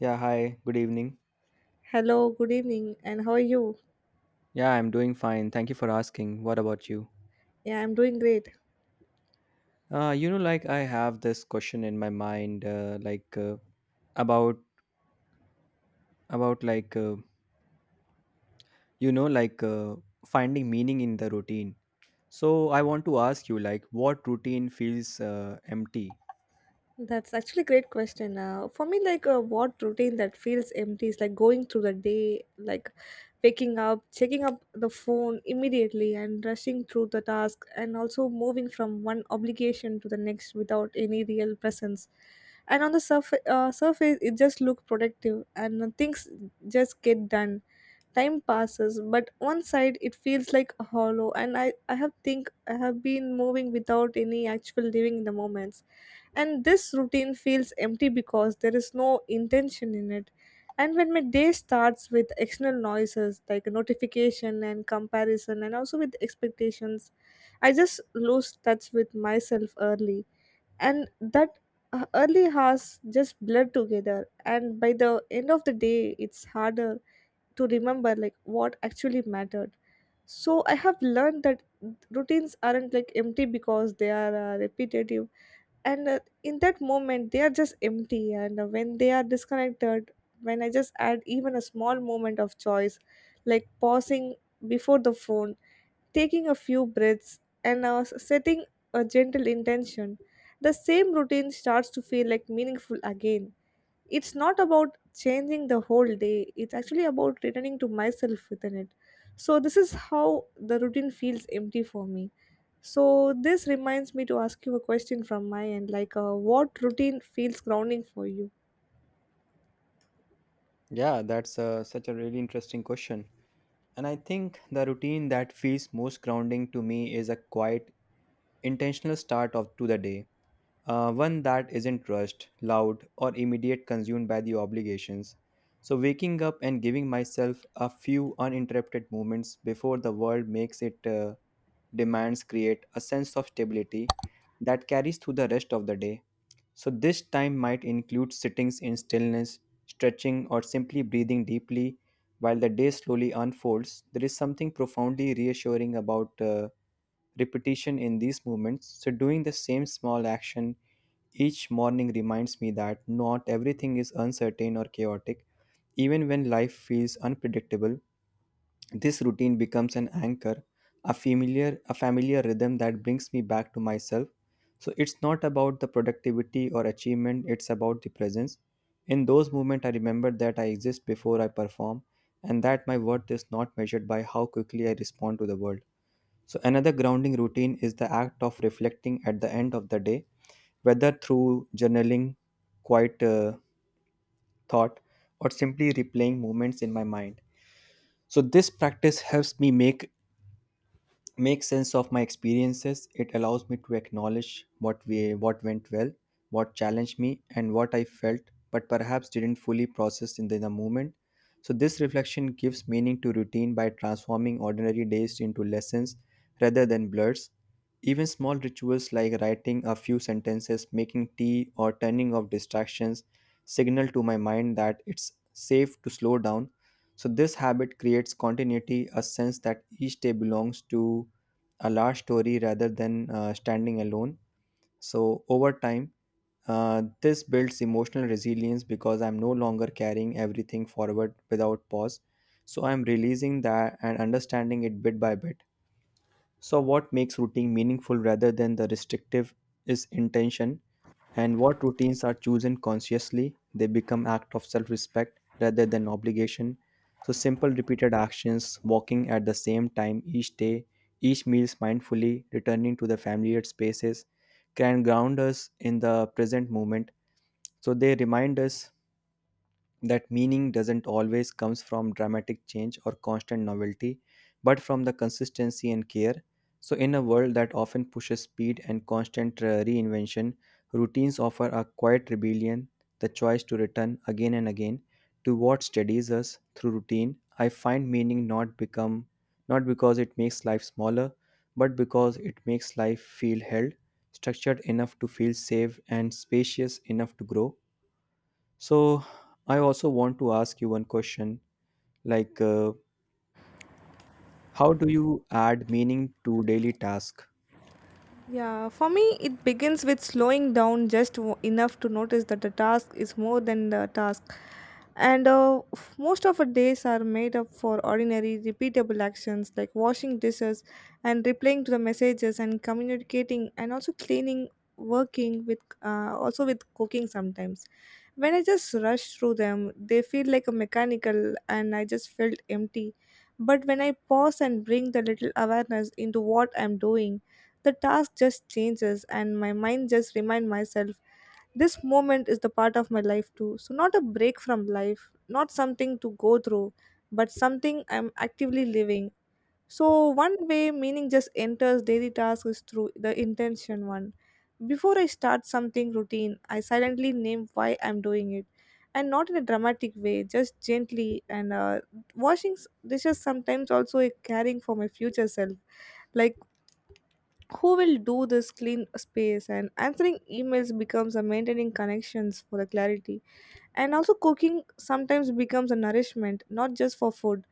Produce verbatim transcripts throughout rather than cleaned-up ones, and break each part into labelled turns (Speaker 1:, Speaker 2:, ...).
Speaker 1: Yeah, hi, good evening.
Speaker 2: Hello, good evening, and how are you?
Speaker 1: Yeah, I'm doing fine. Thank you for asking. What about you?
Speaker 2: Yeah, I'm doing great.
Speaker 1: Uh, you know, like I have this question in my mind, uh, like uh, about about like uh, you know, like uh, finding meaning in the routine. So I want to ask you, like, what routine feels uh, empty?
Speaker 2: That's actually a great question. Uh, for me, like uh, what routine that feels empty is like going through the day, like waking up, checking up the phone immediately, and rushing through the task, and also moving from one obligation to the next without any real presence. And on the surf- uh, surface, it just look productive, and uh, things just get done, time passes, but one side it feels like hollow, and i i have think i have been moving without any actual living in the moments. And this routine feels empty because there is no intention in it. And when my day starts with external noises like notification and comparison and also with expectations, I just lose touch with myself early. And that uh, Early hours just blur together, and by the end of the day, it's harder to remember like what actually mattered. So I have learned that routines aren't like empty because they are uh, repetitive, and uh, in that moment they are just empty, and uh, when they are disconnected, when I just add even a small moment of choice, like pausing before the phone, taking a few breaths, and uh, s- setting a gentle intention, the same routine starts to feel like meaningful again. It's not about changing the whole day, it's actually about returning to myself within it. So this is how the routine feels empty for me. So this reminds me to ask you a question from my end, like uh, what routine feels grounding for you?
Speaker 1: Yeah, that's uh, such a really interesting question. And I think the routine that feels most grounding to me is a quiet, intentional start of to the day, uh, one that isn't rushed, loud, or immediate consumed by the obligations. So, waking up and giving myself a few uninterrupted moments before the world makes it uh, demands create a sense of stability that carries through the rest of the day. So, this time might include sittings in stillness, stretching, or simply breathing deeply while the day slowly unfolds. There is something profoundly reassuring about Uh, repetition in these movements. So, doing the same small action each morning reminds me that not everything is uncertain or chaotic. Even when life feels unpredictable, this routine becomes an anchor, a familiar, a familiar rhythm that brings me back to myself. So it's not about the productivity or achievement, it's about the presence. In those moments, I remember that I exist before I perform and that my worth is not measured by how quickly I respond to the world. So, another grounding routine is the act of reflecting at the end of the day, whether through journaling, quiet uh, thought, or simply replaying moments in my mind. So, this practice helps me make make sense of my experiences. It allows me to acknowledge what we what went well, what challenged me, and what I felt but perhaps didn't fully process in the, in the moment. So this reflection gives meaning to routine by transforming ordinary days into lessons rather than blurs. Even small rituals like writing a few sentences, making tea, or turning off distractions signal to my mind that it's safe to slow down. So this habit creates continuity, a sense that each day belongs to a large story rather than uh, standing alone. So, over time, uh, this builds emotional resilience because I'm no longer carrying everything forward without pause. So, I'm releasing that and understanding it bit by bit. So, what makes routine meaningful rather than the restrictive is intention, and what routines are chosen consciously, they become act of self-respect rather than obligation. So simple repeated actions, walking at the same time each day, each meals mindfully, returning to the familiar spaces, can ground us in the present moment. So they remind us that meaning doesn't always comes from dramatic change or constant novelty, but from the consistency and care. So in a world that often pushes speed and constant uh, reinvention, routines offer a quiet rebellion, the choice to return again and again to what steadies us. Through routine I find meaning, not become not because it makes life smaller, but because it makes life feel held, structured enough to feel safe and spacious enough to grow. So, I also want to ask you one question, like, uh, how do you add meaning to daily task?
Speaker 2: Yeah, for me, it begins with slowing down just w- enough to notice that the task is more than the task. And uh, f- most of our days are made up for ordinary, repeatable actions like washing dishes and replying to the messages and communicating and also cleaning, working with, uh, also with cooking sometimes. When I just rush through them, they feel like a mechanical and I just felt empty. But when I pause and bring the little awareness into what I'm doing, the task just changes and my mind just remind myself this moment is the part of my life too. So not a break from life, not something to go through, but something I'm actively living. So one way meaning just enters daily tasks is through the intention one. Before I start something routine, I silently name why I'm doing it, and not in a dramatic way, just gently. And uh, washing s- dishes sometimes also a caring for my future self, like who will do this clean space, and answering emails becomes a maintaining connections for the clarity, and also cooking sometimes becomes a nourishment not just for food.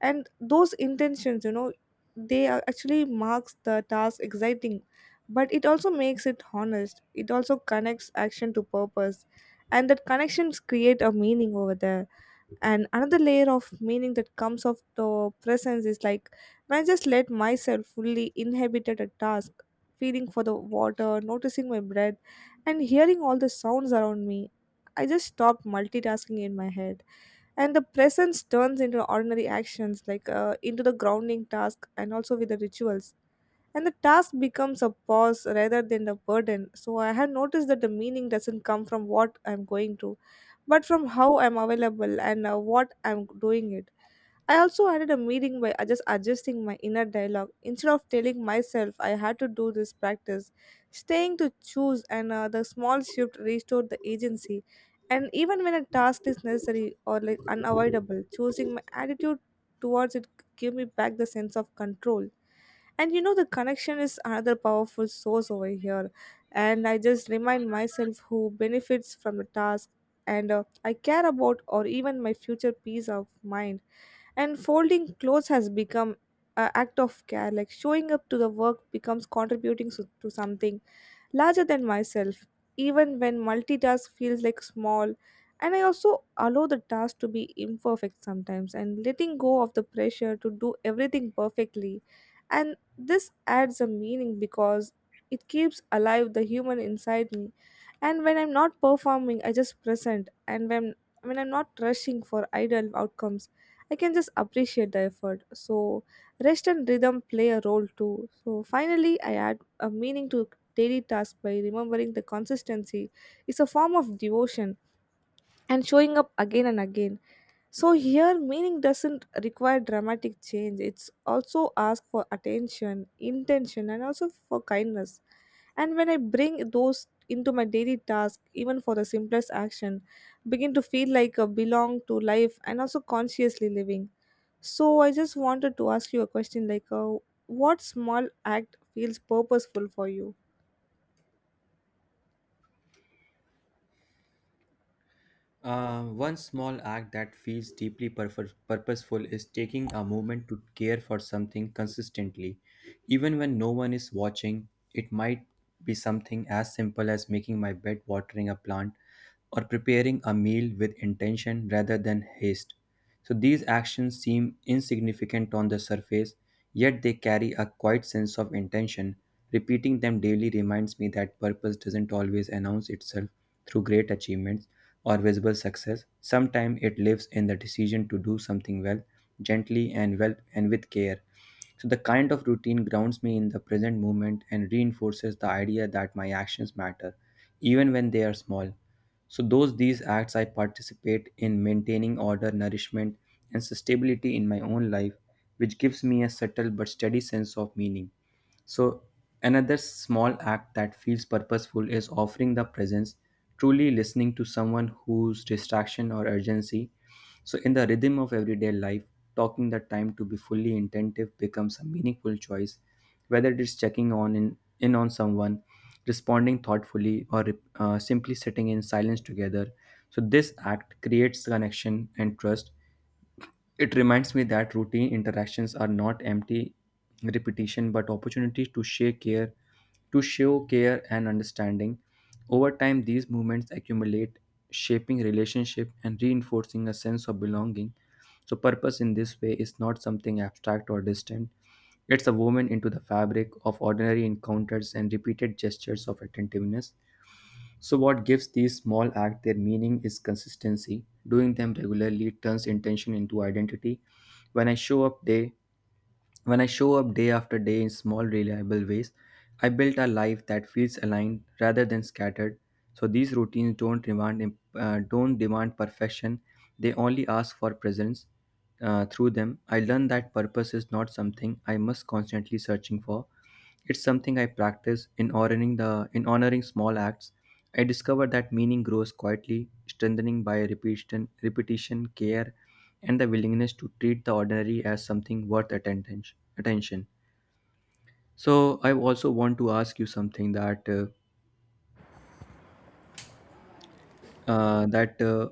Speaker 2: And those intentions, you know, they are actually marks the task exciting, but it also makes it honest, it also connects action to purpose, and that connections create a meaning over there. And another layer of meaning that comes of the presence is like when I just let myself fully inhabited a task, feeling for the water, noticing my breath, and hearing all the sounds around me, I just stopped multitasking in my head. And the presence turns into ordinary actions like uh, into the grounding task and also with the rituals, and the task becomes a pause rather than a burden. So I have noticed that the meaning doesn't come from what I'm going to, but from how I'm available and uh, what I'm doing it. I also added a meaning by uh, just adjusting my inner dialogue. Instead of telling myself I had to do this practice, staying to choose, and uh, the small shift restored the agency. And even when a task is necessary or like unavoidable, choosing my attitude towards it gave me back the sense of control. And you know, the connection is another powerful source over here, and I just remind myself who benefits from the task, and uh, I care about, or even my future peace of mind. And folding clothes has become an act of care, like showing up to the work becomes contributing so- to something larger than myself, even when multitask feels like small. And I also allow the task to be imperfect sometimes, and letting go of the pressure to do everything perfectly. And this adds a meaning because it keeps alive the human inside me. And when I'm not performing, I just present. And when when I'm not rushing for ideal outcomes, I can just appreciate the effort. So rest and rhythm play a role too. So finally, I add a meaning to daily task by remembering the consistency is a form of devotion, and showing up again and again. So here meaning doesn't require dramatic change. It's also ask for attention, intention, and also for kindness. And when I bring those into my daily task, even for the simplest action, begin to feel like a belong to life and also consciously living. So I just wanted to ask you a question like, uh, what small act feels purposeful for you?
Speaker 1: Uh, one small act that feels deeply purf- purposeful is taking a moment to care for something consistently. Even when no one is watching, it might be something as simple as making my bed, watering a plant, or preparing a meal with intention rather than haste. So these actions seem insignificant on the surface, yet they carry a quiet sense of intention. Repeating them daily reminds me that purpose doesn't always announce itself through great achievements or visible success. Sometimes it lives in the decision to do something well, gently and well and with care. So, the kind of routine grounds me in the present moment and reinforces the idea that my actions matter, even when they are small. So, those these acts I participate in maintaining order, nourishment, and stability in my own life, which gives me a subtle but steady sense of meaning. So, another small act that feels purposeful is offering the presence, truly listening to someone whose distraction or urgency. So, in the rhythm of everyday life, talking the time to be fully attentive becomes a meaningful choice, whether it is checking on in, in on someone, responding thoughtfully, or uh, simply sitting in silence together. So, this act creates connection and trust. It reminds me that routine interactions are not empty repetition but opportunities to share care, to show care and understanding. Over time these movements accumulate, shaping relationship and reinforcing a sense of belonging. So purpose in this way is not something abstract or distant. It's a woven into the fabric of ordinary encounters and repeated gestures of attentiveness. So, what gives these small acts their meaning is consistency. Doing them regularly turns intention into identity. When I show up, they when I show up day after day in small, reliable ways, I built a life that feels aligned rather than scattered. So these routines don't demand uh, don't demand perfection; they only ask for presence. Uh, through them, I learned that purpose is not something I must constantly searching for. It's something I practice in honoring the in honoring small acts. I discovered that meaning grows quietly, strengthening by repetition, repetition, care, and the willingness to treat the ordinary as something worth attention. Attention. So I also want to ask you something that uh, uh, that uh,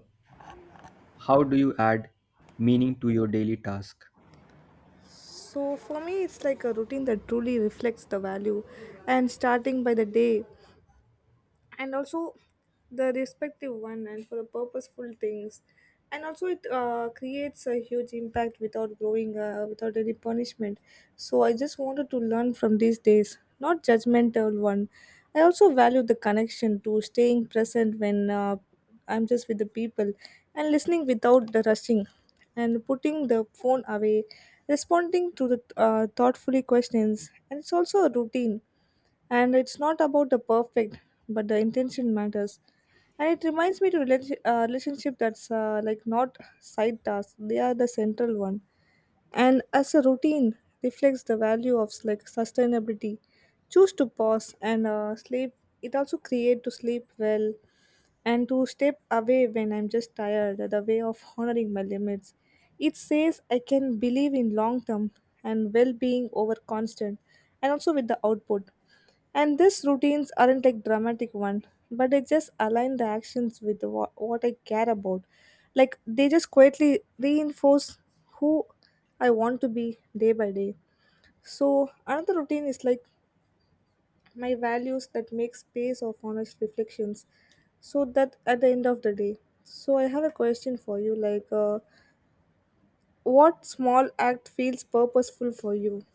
Speaker 1: how do you add meaning to your daily task?
Speaker 2: So for me, it's like a routine that truly reflects the value. And starting by the day, and also the respective one and for the purposeful things, and also it uh, creates a huge impact without growing uh, without any punishment. So I just wanted to learn from these days, not judgmental one. I also value the connection to staying present when uh, I'm just with the people, and listening without the rushing, and putting the phone away, responding to the uh, thoughtfully questions, and it's also a routine. And it's not about the perfect, but the intention matters. And it reminds me to relati- uh, relationship that's uh, like not side tasks, they are the central one. And as a routine reflects the value of like sustainability, choose to pause and uh, sleep. It also create to sleep well, and to step away when I'm just tired, the way of honoring my limits. It says I can believe in long term and well being over constant, and also with the output. And these routines aren't like dramatic one, but they just align the actions with what, what I care about. Like they just quietly reinforce who I want to be day by day. So another routine is like my values that make space of honest reflections. So that at the end of the day. So I have a question for you like, uh, what small act feels purposeful for you?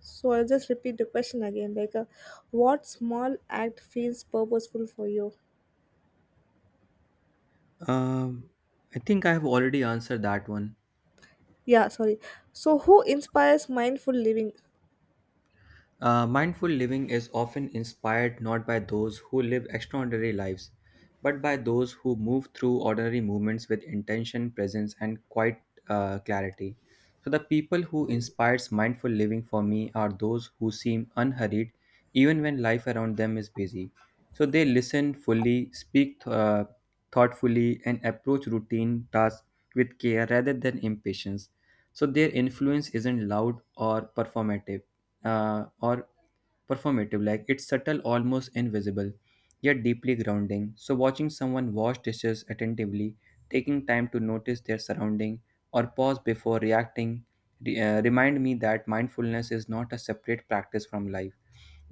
Speaker 2: So I'll just repeat the question again, like, uh, what small act feels purposeful for you?
Speaker 1: Um, I think I have already answered that one.
Speaker 2: Yeah, sorry. So, who inspires mindful living?
Speaker 1: Uh, mindful living is often inspired not by those who live extraordinary lives, but by those who move through ordinary movements with intention, presence, and quiet uh, clarity. So, the people who inspires mindful living for me are those who seem unhurried, even when life around them is busy. So, they listen fully, speak uh, thoughtfully, and approach routine tasks with care rather than impatience. So, their influence isn't loud or performative, uh, or performative like it's subtle, almost invisible, yet deeply grounding. So watching someone wash dishes attentively, taking time to notice their surrounding, or pause before reacting re- uh, remind me that mindfulness is not a separate practice from life,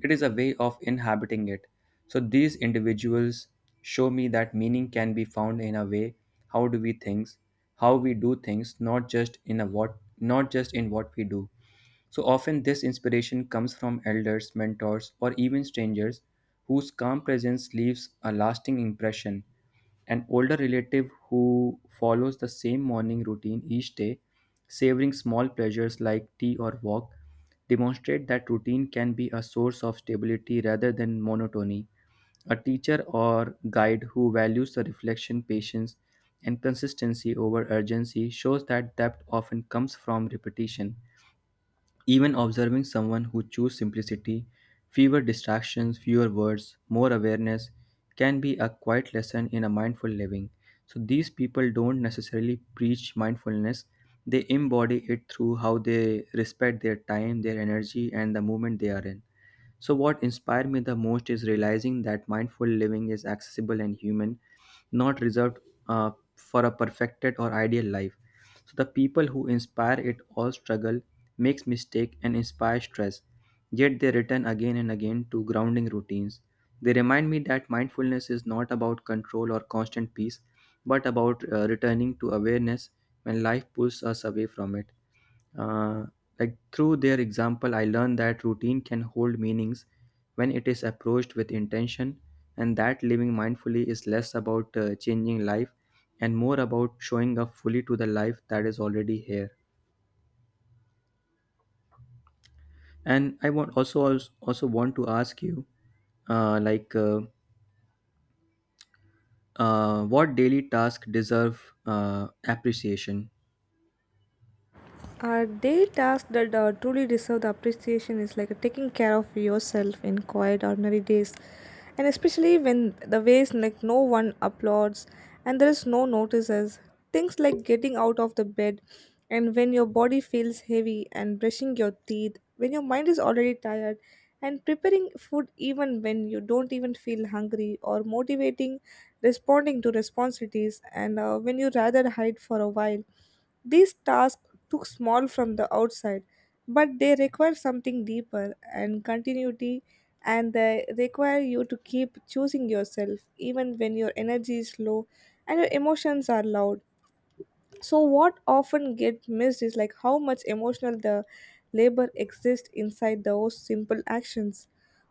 Speaker 1: it is a way of inhabiting it. So these individuals show me that meaning can be found in a way, how do we things how we do things, not just in a what not just in what we do. So often, this inspiration comes from elders, mentors, or even strangers whose calm presence leaves a lasting impression. An older relative who follows the same morning routine each day, savoring small pleasures like tea or walk, demonstrate that routine can be a source of stability rather than monotony. A teacher or guide who values the reflection, patience, and consistency over urgency shows that depth often comes from repetition. Even observing someone who chooses simplicity, fewer distractions, fewer words, more awareness, can be a quiet lesson in a mindful living. So these people don't necessarily preach mindfulness, they embody it through how they respect their time, their energy, and the moment they are in. So, what inspired me the most is realizing that mindful living is accessible and human, not reserved uh, for a perfected or ideal life. So the people who inspire it all struggle, makes mistake and inspire stress. Yet they return again and again to grounding routines. They remind me that mindfulness is not about control or constant peace, but about uh, returning to awareness when life pulls us away from it. Uh, like Through their example, I learned that routine can hold meanings when it is approached with intention, and that living mindfully is less about uh, changing life and more about showing up fully to the life that is already here. And I want also also want to ask you, uh, like, uh, uh, what daily task deserve uh, appreciation?
Speaker 2: Are daily tasks that uh, truly deserve the appreciation is like taking care of yourself in quiet, ordinary days, and especially when the ways like no one applauds and there is no notices. Things like getting out of the bed, and when your body feels heavy, and brushing your teeth, when your mind is already tired, and preparing food even when you don't even feel hungry, or motivating, responding to responsibilities, and uh, when you rather hide for a while. These tasks look small from the outside, but they require something deeper and continuity, and they require you to keep choosing yourself even when your energy is low and your emotions are loud. So what often get missed is like how much emotional the labor exists inside those simple actions.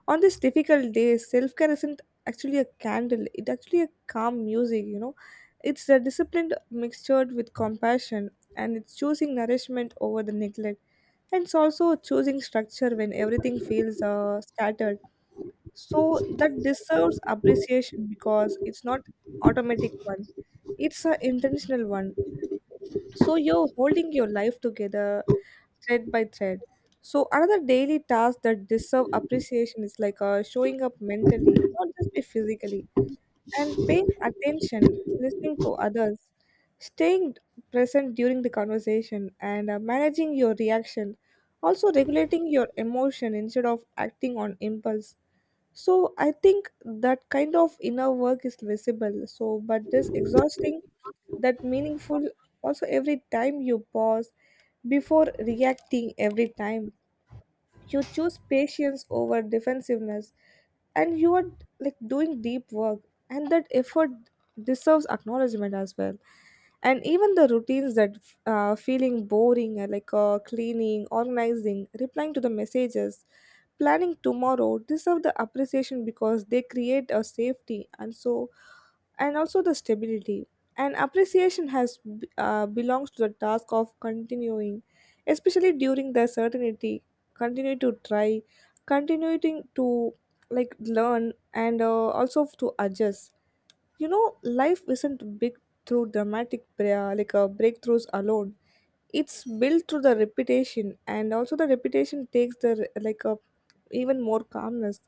Speaker 2: On this difficult day, self-care isn't actually a candle, it's actually a calm music, you know. It's a disciplined mixtured with compassion, and it's choosing nourishment over the neglect. And it's also choosing structure when everything feels uh, scattered. So that deserves appreciation because it's not automatic one. It's an intentional one, so you're holding your life together thread by thread. So another daily task that deserve appreciation is like uh, showing up mentally, not just be physically, and paying attention, listening to others, staying present during the conversation, and uh, managing your reaction. Also regulating your emotion instead of acting on impulse. So I think that kind of inner work is visible. So, but this exhausting that meaningful, also every time you pause before reacting, every time you choose patience over defensiveness, and you are like doing deep work, and that effort deserves acknowledgement as well. And even the routines that uh, feeling boring, uh, like uh, cleaning, organizing, replying to the messages, planning tomorrow deserve the appreciation because they create a safety, and so, and also the stability. And appreciation has b- uh, belongs to the task of continuing, especially during the certainty. Continue to try, continuing to like learn, and uh, also to adjust. You know, life isn't big through dramatic bra- like uh, breakthroughs alone. It's built through the repetition, and also the repetition takes the re- like a even more calmness.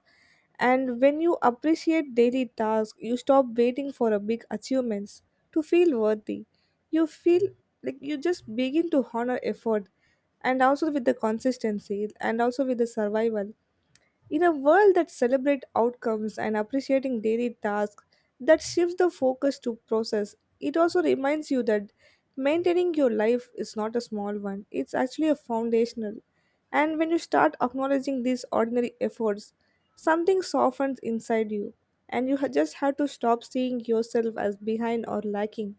Speaker 2: And when you appreciate daily tasks, you stop waiting for a big achievements to feel worthy. You feel like you just begin to honor effort and also with the consistency and also with the survival. In a world that celebrates outcomes and appreciating daily tasks, that shifts the focus to process. It also reminds you that maintaining your life is not a small one, it's actually a foundational. And when you start acknowledging these ordinary efforts, something softens inside you, and you ha- just have to stop seeing yourself as behind or lacking.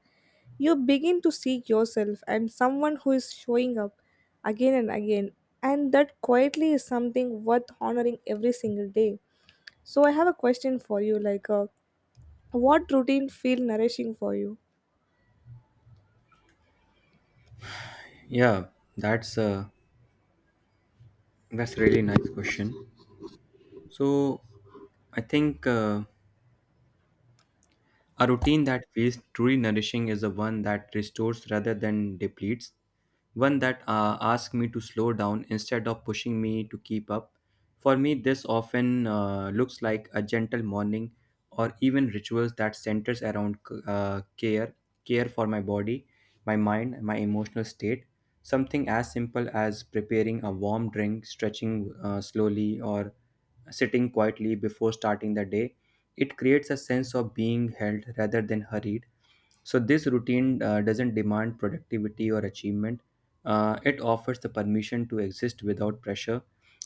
Speaker 2: You begin to see yourself and someone who is showing up again and again, and that quietly is something worth honoring every single day. So, I have a question for you like, uh, what routine feel nourishing for you?
Speaker 1: Yeah, that's uh, that's really nice question. So I think. Uh, A routine that feels truly nourishing is the one that restores rather than depletes, one that uh, asks me to slow down instead of pushing me to keep up. For me, this often uh, looks like a gentle morning or even rituals that centers around uh, care, care for my body, my mind, my emotional state. Something as simple as preparing a warm drink, stretching uh, slowly, or sitting quietly before starting the day. It creates a sense of being held rather than hurried. So, this routine uh, doesn't demand productivity or achievement. Uh, it offers the permission to exist without pressure.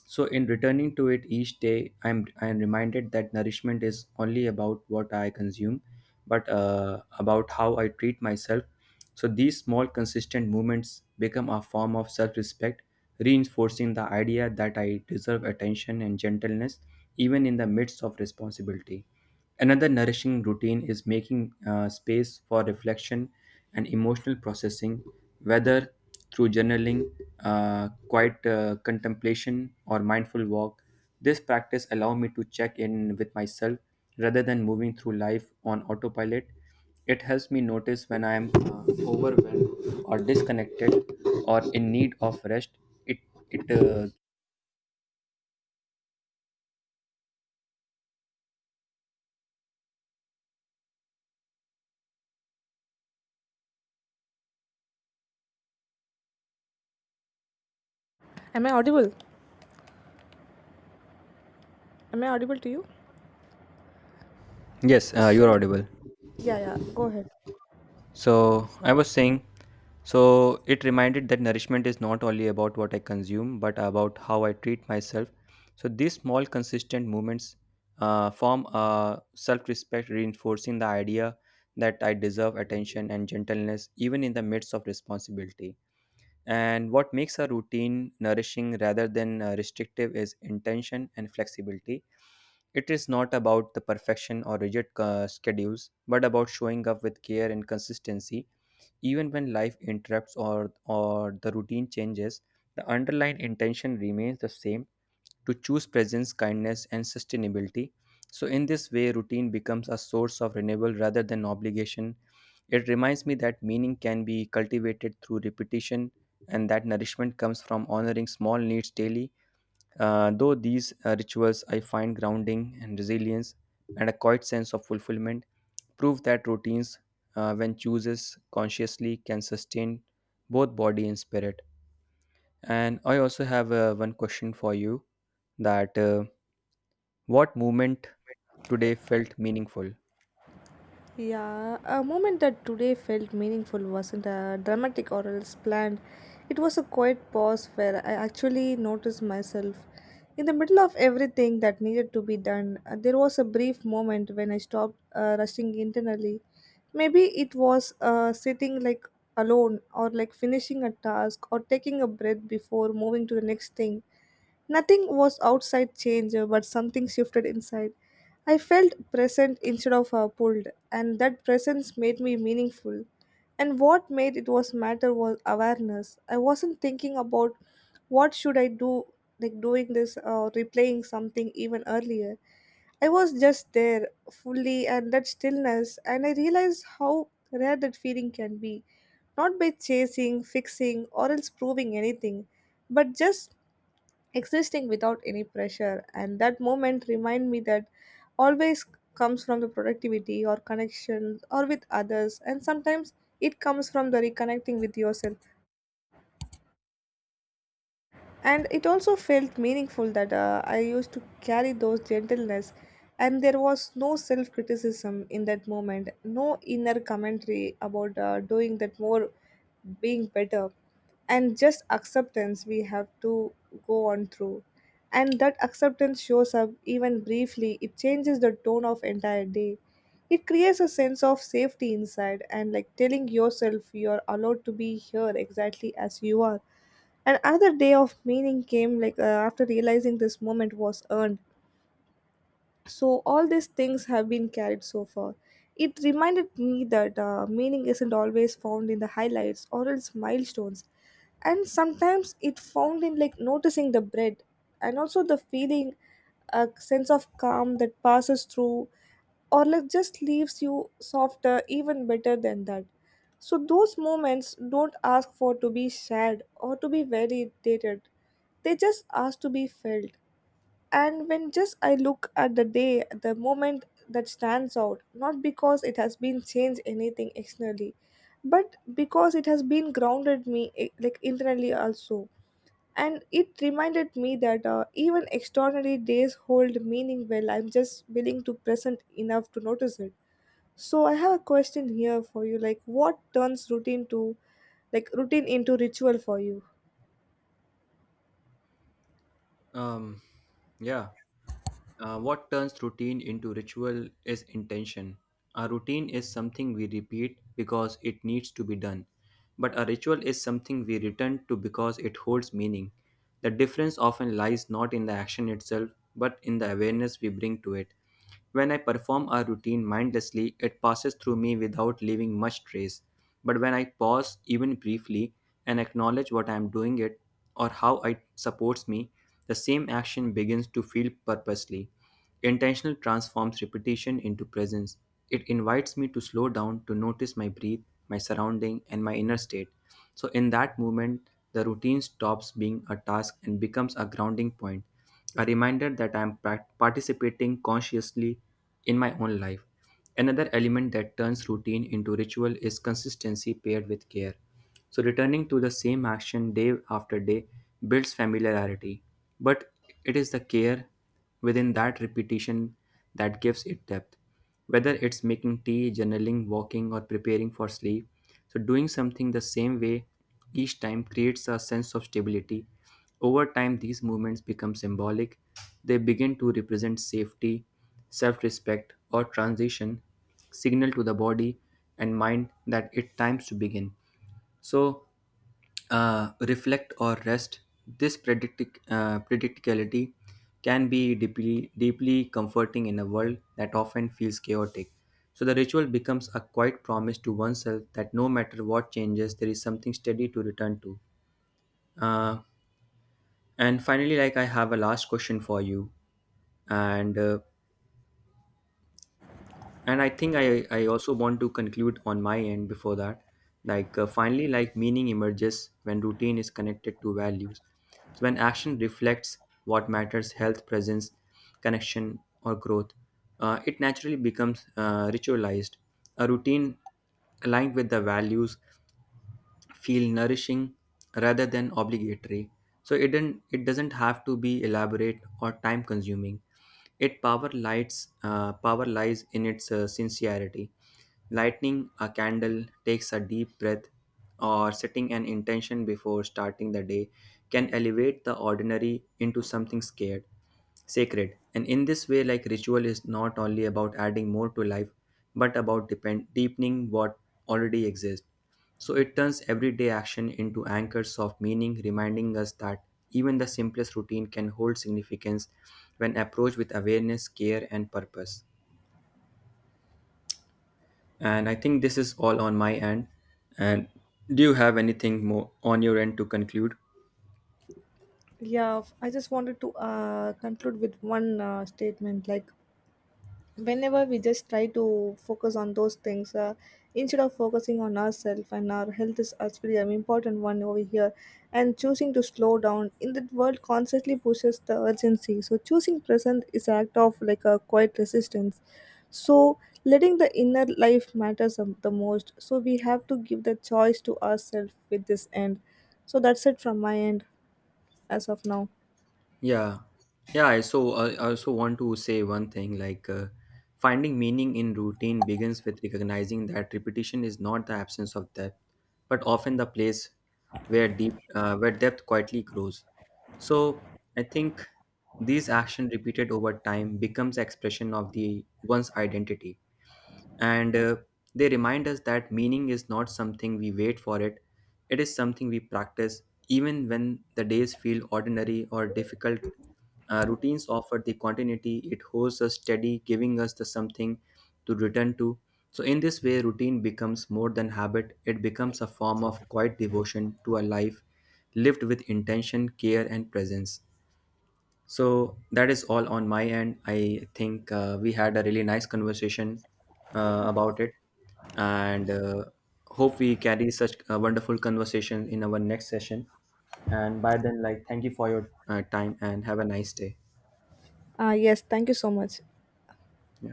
Speaker 1: So, in returning to it each day, I'm, I'm reminded that nourishment is only about what I consume, but uh, about how I treat myself. So these small consistent movements become a form of self-respect, reinforcing the idea that I deserve attention and gentleness even in the midst of responsibility. Another nourishing routine is making uh, space for reflection and emotional processing, whether through journaling, uh, quiet uh, contemplation, or mindful walk. This practice allows me to check in with myself rather than moving through life on autopilot. It helps me notice when I am uh, overwhelmed or disconnected or in need of rest. It it uh,
Speaker 2: Am I audible? Am I audible to you?
Speaker 1: Yes, uh,
Speaker 2: So,
Speaker 1: you're audible.
Speaker 2: yeah, yeah, go ahead.
Speaker 1: So I was saying, so it reminded that nourishment is not only about what I consume, but about how I treat myself. So these small, consistent movements uh, form a self-respect, reinforcing the idea that I deserve attention and gentleness even in the midst of responsibility. And what makes a routine nourishing rather than uh, restrictive is intention and flexibility. It is not about the perfection or rigid uh, schedules, but about showing up with care and consistency. Even when life interrupts or, or the routine changes, the underlying intention remains the same to choose presence, kindness, and sustainability. So, in this way, routine becomes a source of renewal rather than obligation. It reminds me that meaning can be cultivated through repetition and that nourishment comes from honoring small needs daily. Uh, though these uh, rituals I find grounding and resilience and a quiet sense of fulfillment prove that routines, uh, when chooses consciously, can sustain both body and spirit. And I also have uh, one question for you that uh, what movement today felt meaningful?
Speaker 2: Yeah, a moment that today felt meaningful wasn't a dramatic or else planned. It was a quiet pause where I actually noticed myself. In the middle of everything that needed to be done, uh, there was a brief moment when I stopped uh, rushing internally. Maybe it was uh, sitting like alone or like finishing a task or taking a breath before moving to the next thing. Nothing was outside change, uh, but something shifted inside. I felt present instead of uh, pulled and that presence made me meaningful. And what made it was matter was awareness. I wasn't thinking about what should I do like doing this or replaying something even earlier. I was just there fully and that stillness and I realized how rare that feeling can be. Not by chasing, fixing or else proving anything, but just existing without any pressure and that moment remind me that always comes from the productivity or connections or with others and sometimes it comes from the reconnecting with yourself and it also felt meaningful that uh, I used to carry those gentleness and there was no self criticism in that moment no inner commentary about uh, doing that more being better and just acceptance we have to go on through and that acceptance shows up even briefly it changes the tone of entire day it creates a sense of safety inside and like telling yourself you're allowed to be here exactly as you are and another day of meaning came like uh, after realizing this moment was earned. So all these things have been carried so far. It reminded me that uh, meaning isn't always found in the highlights or else milestones, and sometimes it found in like noticing the bread and also the feeling, a sense of calm that passes through, or like just leaves you softer, even better than that. So those moments don't ask for to be shared or to be validated. They just ask to be filled. And when just I look at the day, the moment that stands out, not because it has been changed anything externally, but because it has been grounded me eh, like internally also. And it reminded me that uh, even extraordinary days hold meaning well. I'm just willing to present enough to notice it. So I have a question here for you. Like, what turns routine to like routine into ritual for you?
Speaker 1: Um, yeah. Uh, what turns routine into ritual is intention. A routine is something we repeat because it needs to be done, but a ritual is something we return to because it holds meaning. The difference often lies not in the action itself, but in the awareness we bring to it. When I perform a routine mindlessly, it passes through me without leaving much trace. But when I pause, even briefly, and acknowledge what I am doing it or how it supports me, the same action begins to feel purposely. Intentional transforms repetition into presence. It invites me to slow down to notice my breath, my surrounding, and my inner state. So, in that moment, the routine stops being a task and becomes a grounding point, a reminder that I am prac- participating consciously in my own life. Another element that turns routine into ritual is consistency paired with care. So, returning to the same action day after day builds familiarity, but it is the care within that repetition that gives it depth, whether it's making tea, journaling, walking, or preparing for sleep. So, doing something the same way each time creates a sense of stability. Over time, these movements become symbolic. They begin to represent safety, self respect, or transition, signal to the body and mind that it times to begin. So, uh, reflect or rest, this predict- uh, predicticality can be deeply, deeply comforting in a world that often feels chaotic. So the ritual becomes a quiet promise to oneself that no matter what changes, there is something steady to return to. Uh, and finally, like, I have a last question for you, and uh, and i think i i also want to conclude on my end before that, like, uh, finally, like, meaning emerges when routine is connected to values, so when action reflects what matters, health, presence, connection, or growth, uh, it naturally becomes uh, ritualized. A routine aligned with the values feel nourishing rather than obligatory. So it didn't it doesn't have to be elaborate or time consuming. It power lights, uh, power lies in its uh, sincerity. Lighting a candle takes a deep breath or setting an intention before starting the day can elevate the ordinary into something scared, sacred. And in this way, like, ritual is not only about adding more to life, but about depend- deepening what already exists. So it turns everyday action into anchors of meaning, reminding us that even the simplest routine can hold significance when approached with awareness, care, and purpose. And I think this is all on my end. And do you have anything more on your end to conclude?
Speaker 2: Yeah, f- I just wanted to uh, conclude with one uh, statement. Like, whenever we just try to focus on those things, uh, instead of focusing on ourselves and our health is actually an important one over here, and choosing to slow down in that world constantly pushes the urgency. So, choosing present is an act of like a quiet resistance. So, letting the inner life matters um, the most. So, we have to give the choice to ourselves with this end. So, that's it from my end as of now.
Speaker 1: Yeah, yeah. I so I I also want to say one thing, like, uh, finding meaning in routine begins with recognizing that repetition is not the absence of depth, but often the place where deep uh, where depth quietly grows. So I think these action repeated over time becomes expression of the one's identity, and uh, they remind us that meaning is not something we wait for it, it is something we practice. Even when the days feel ordinary or difficult, uh, routines offer the continuity, it holds us steady, giving us the something to return to. So in this way routine becomes more than habit, it becomes a form of quiet devotion to a life lived with intention, care, and presence. So that is all on my end. I think uh, we had a really nice conversation uh, about it, and uh, hope we carry such a wonderful conversation in our next session. And by then, like, thank you for your uh, time and have a nice day.
Speaker 2: Uh, yes, thank you so much.
Speaker 1: Yeah.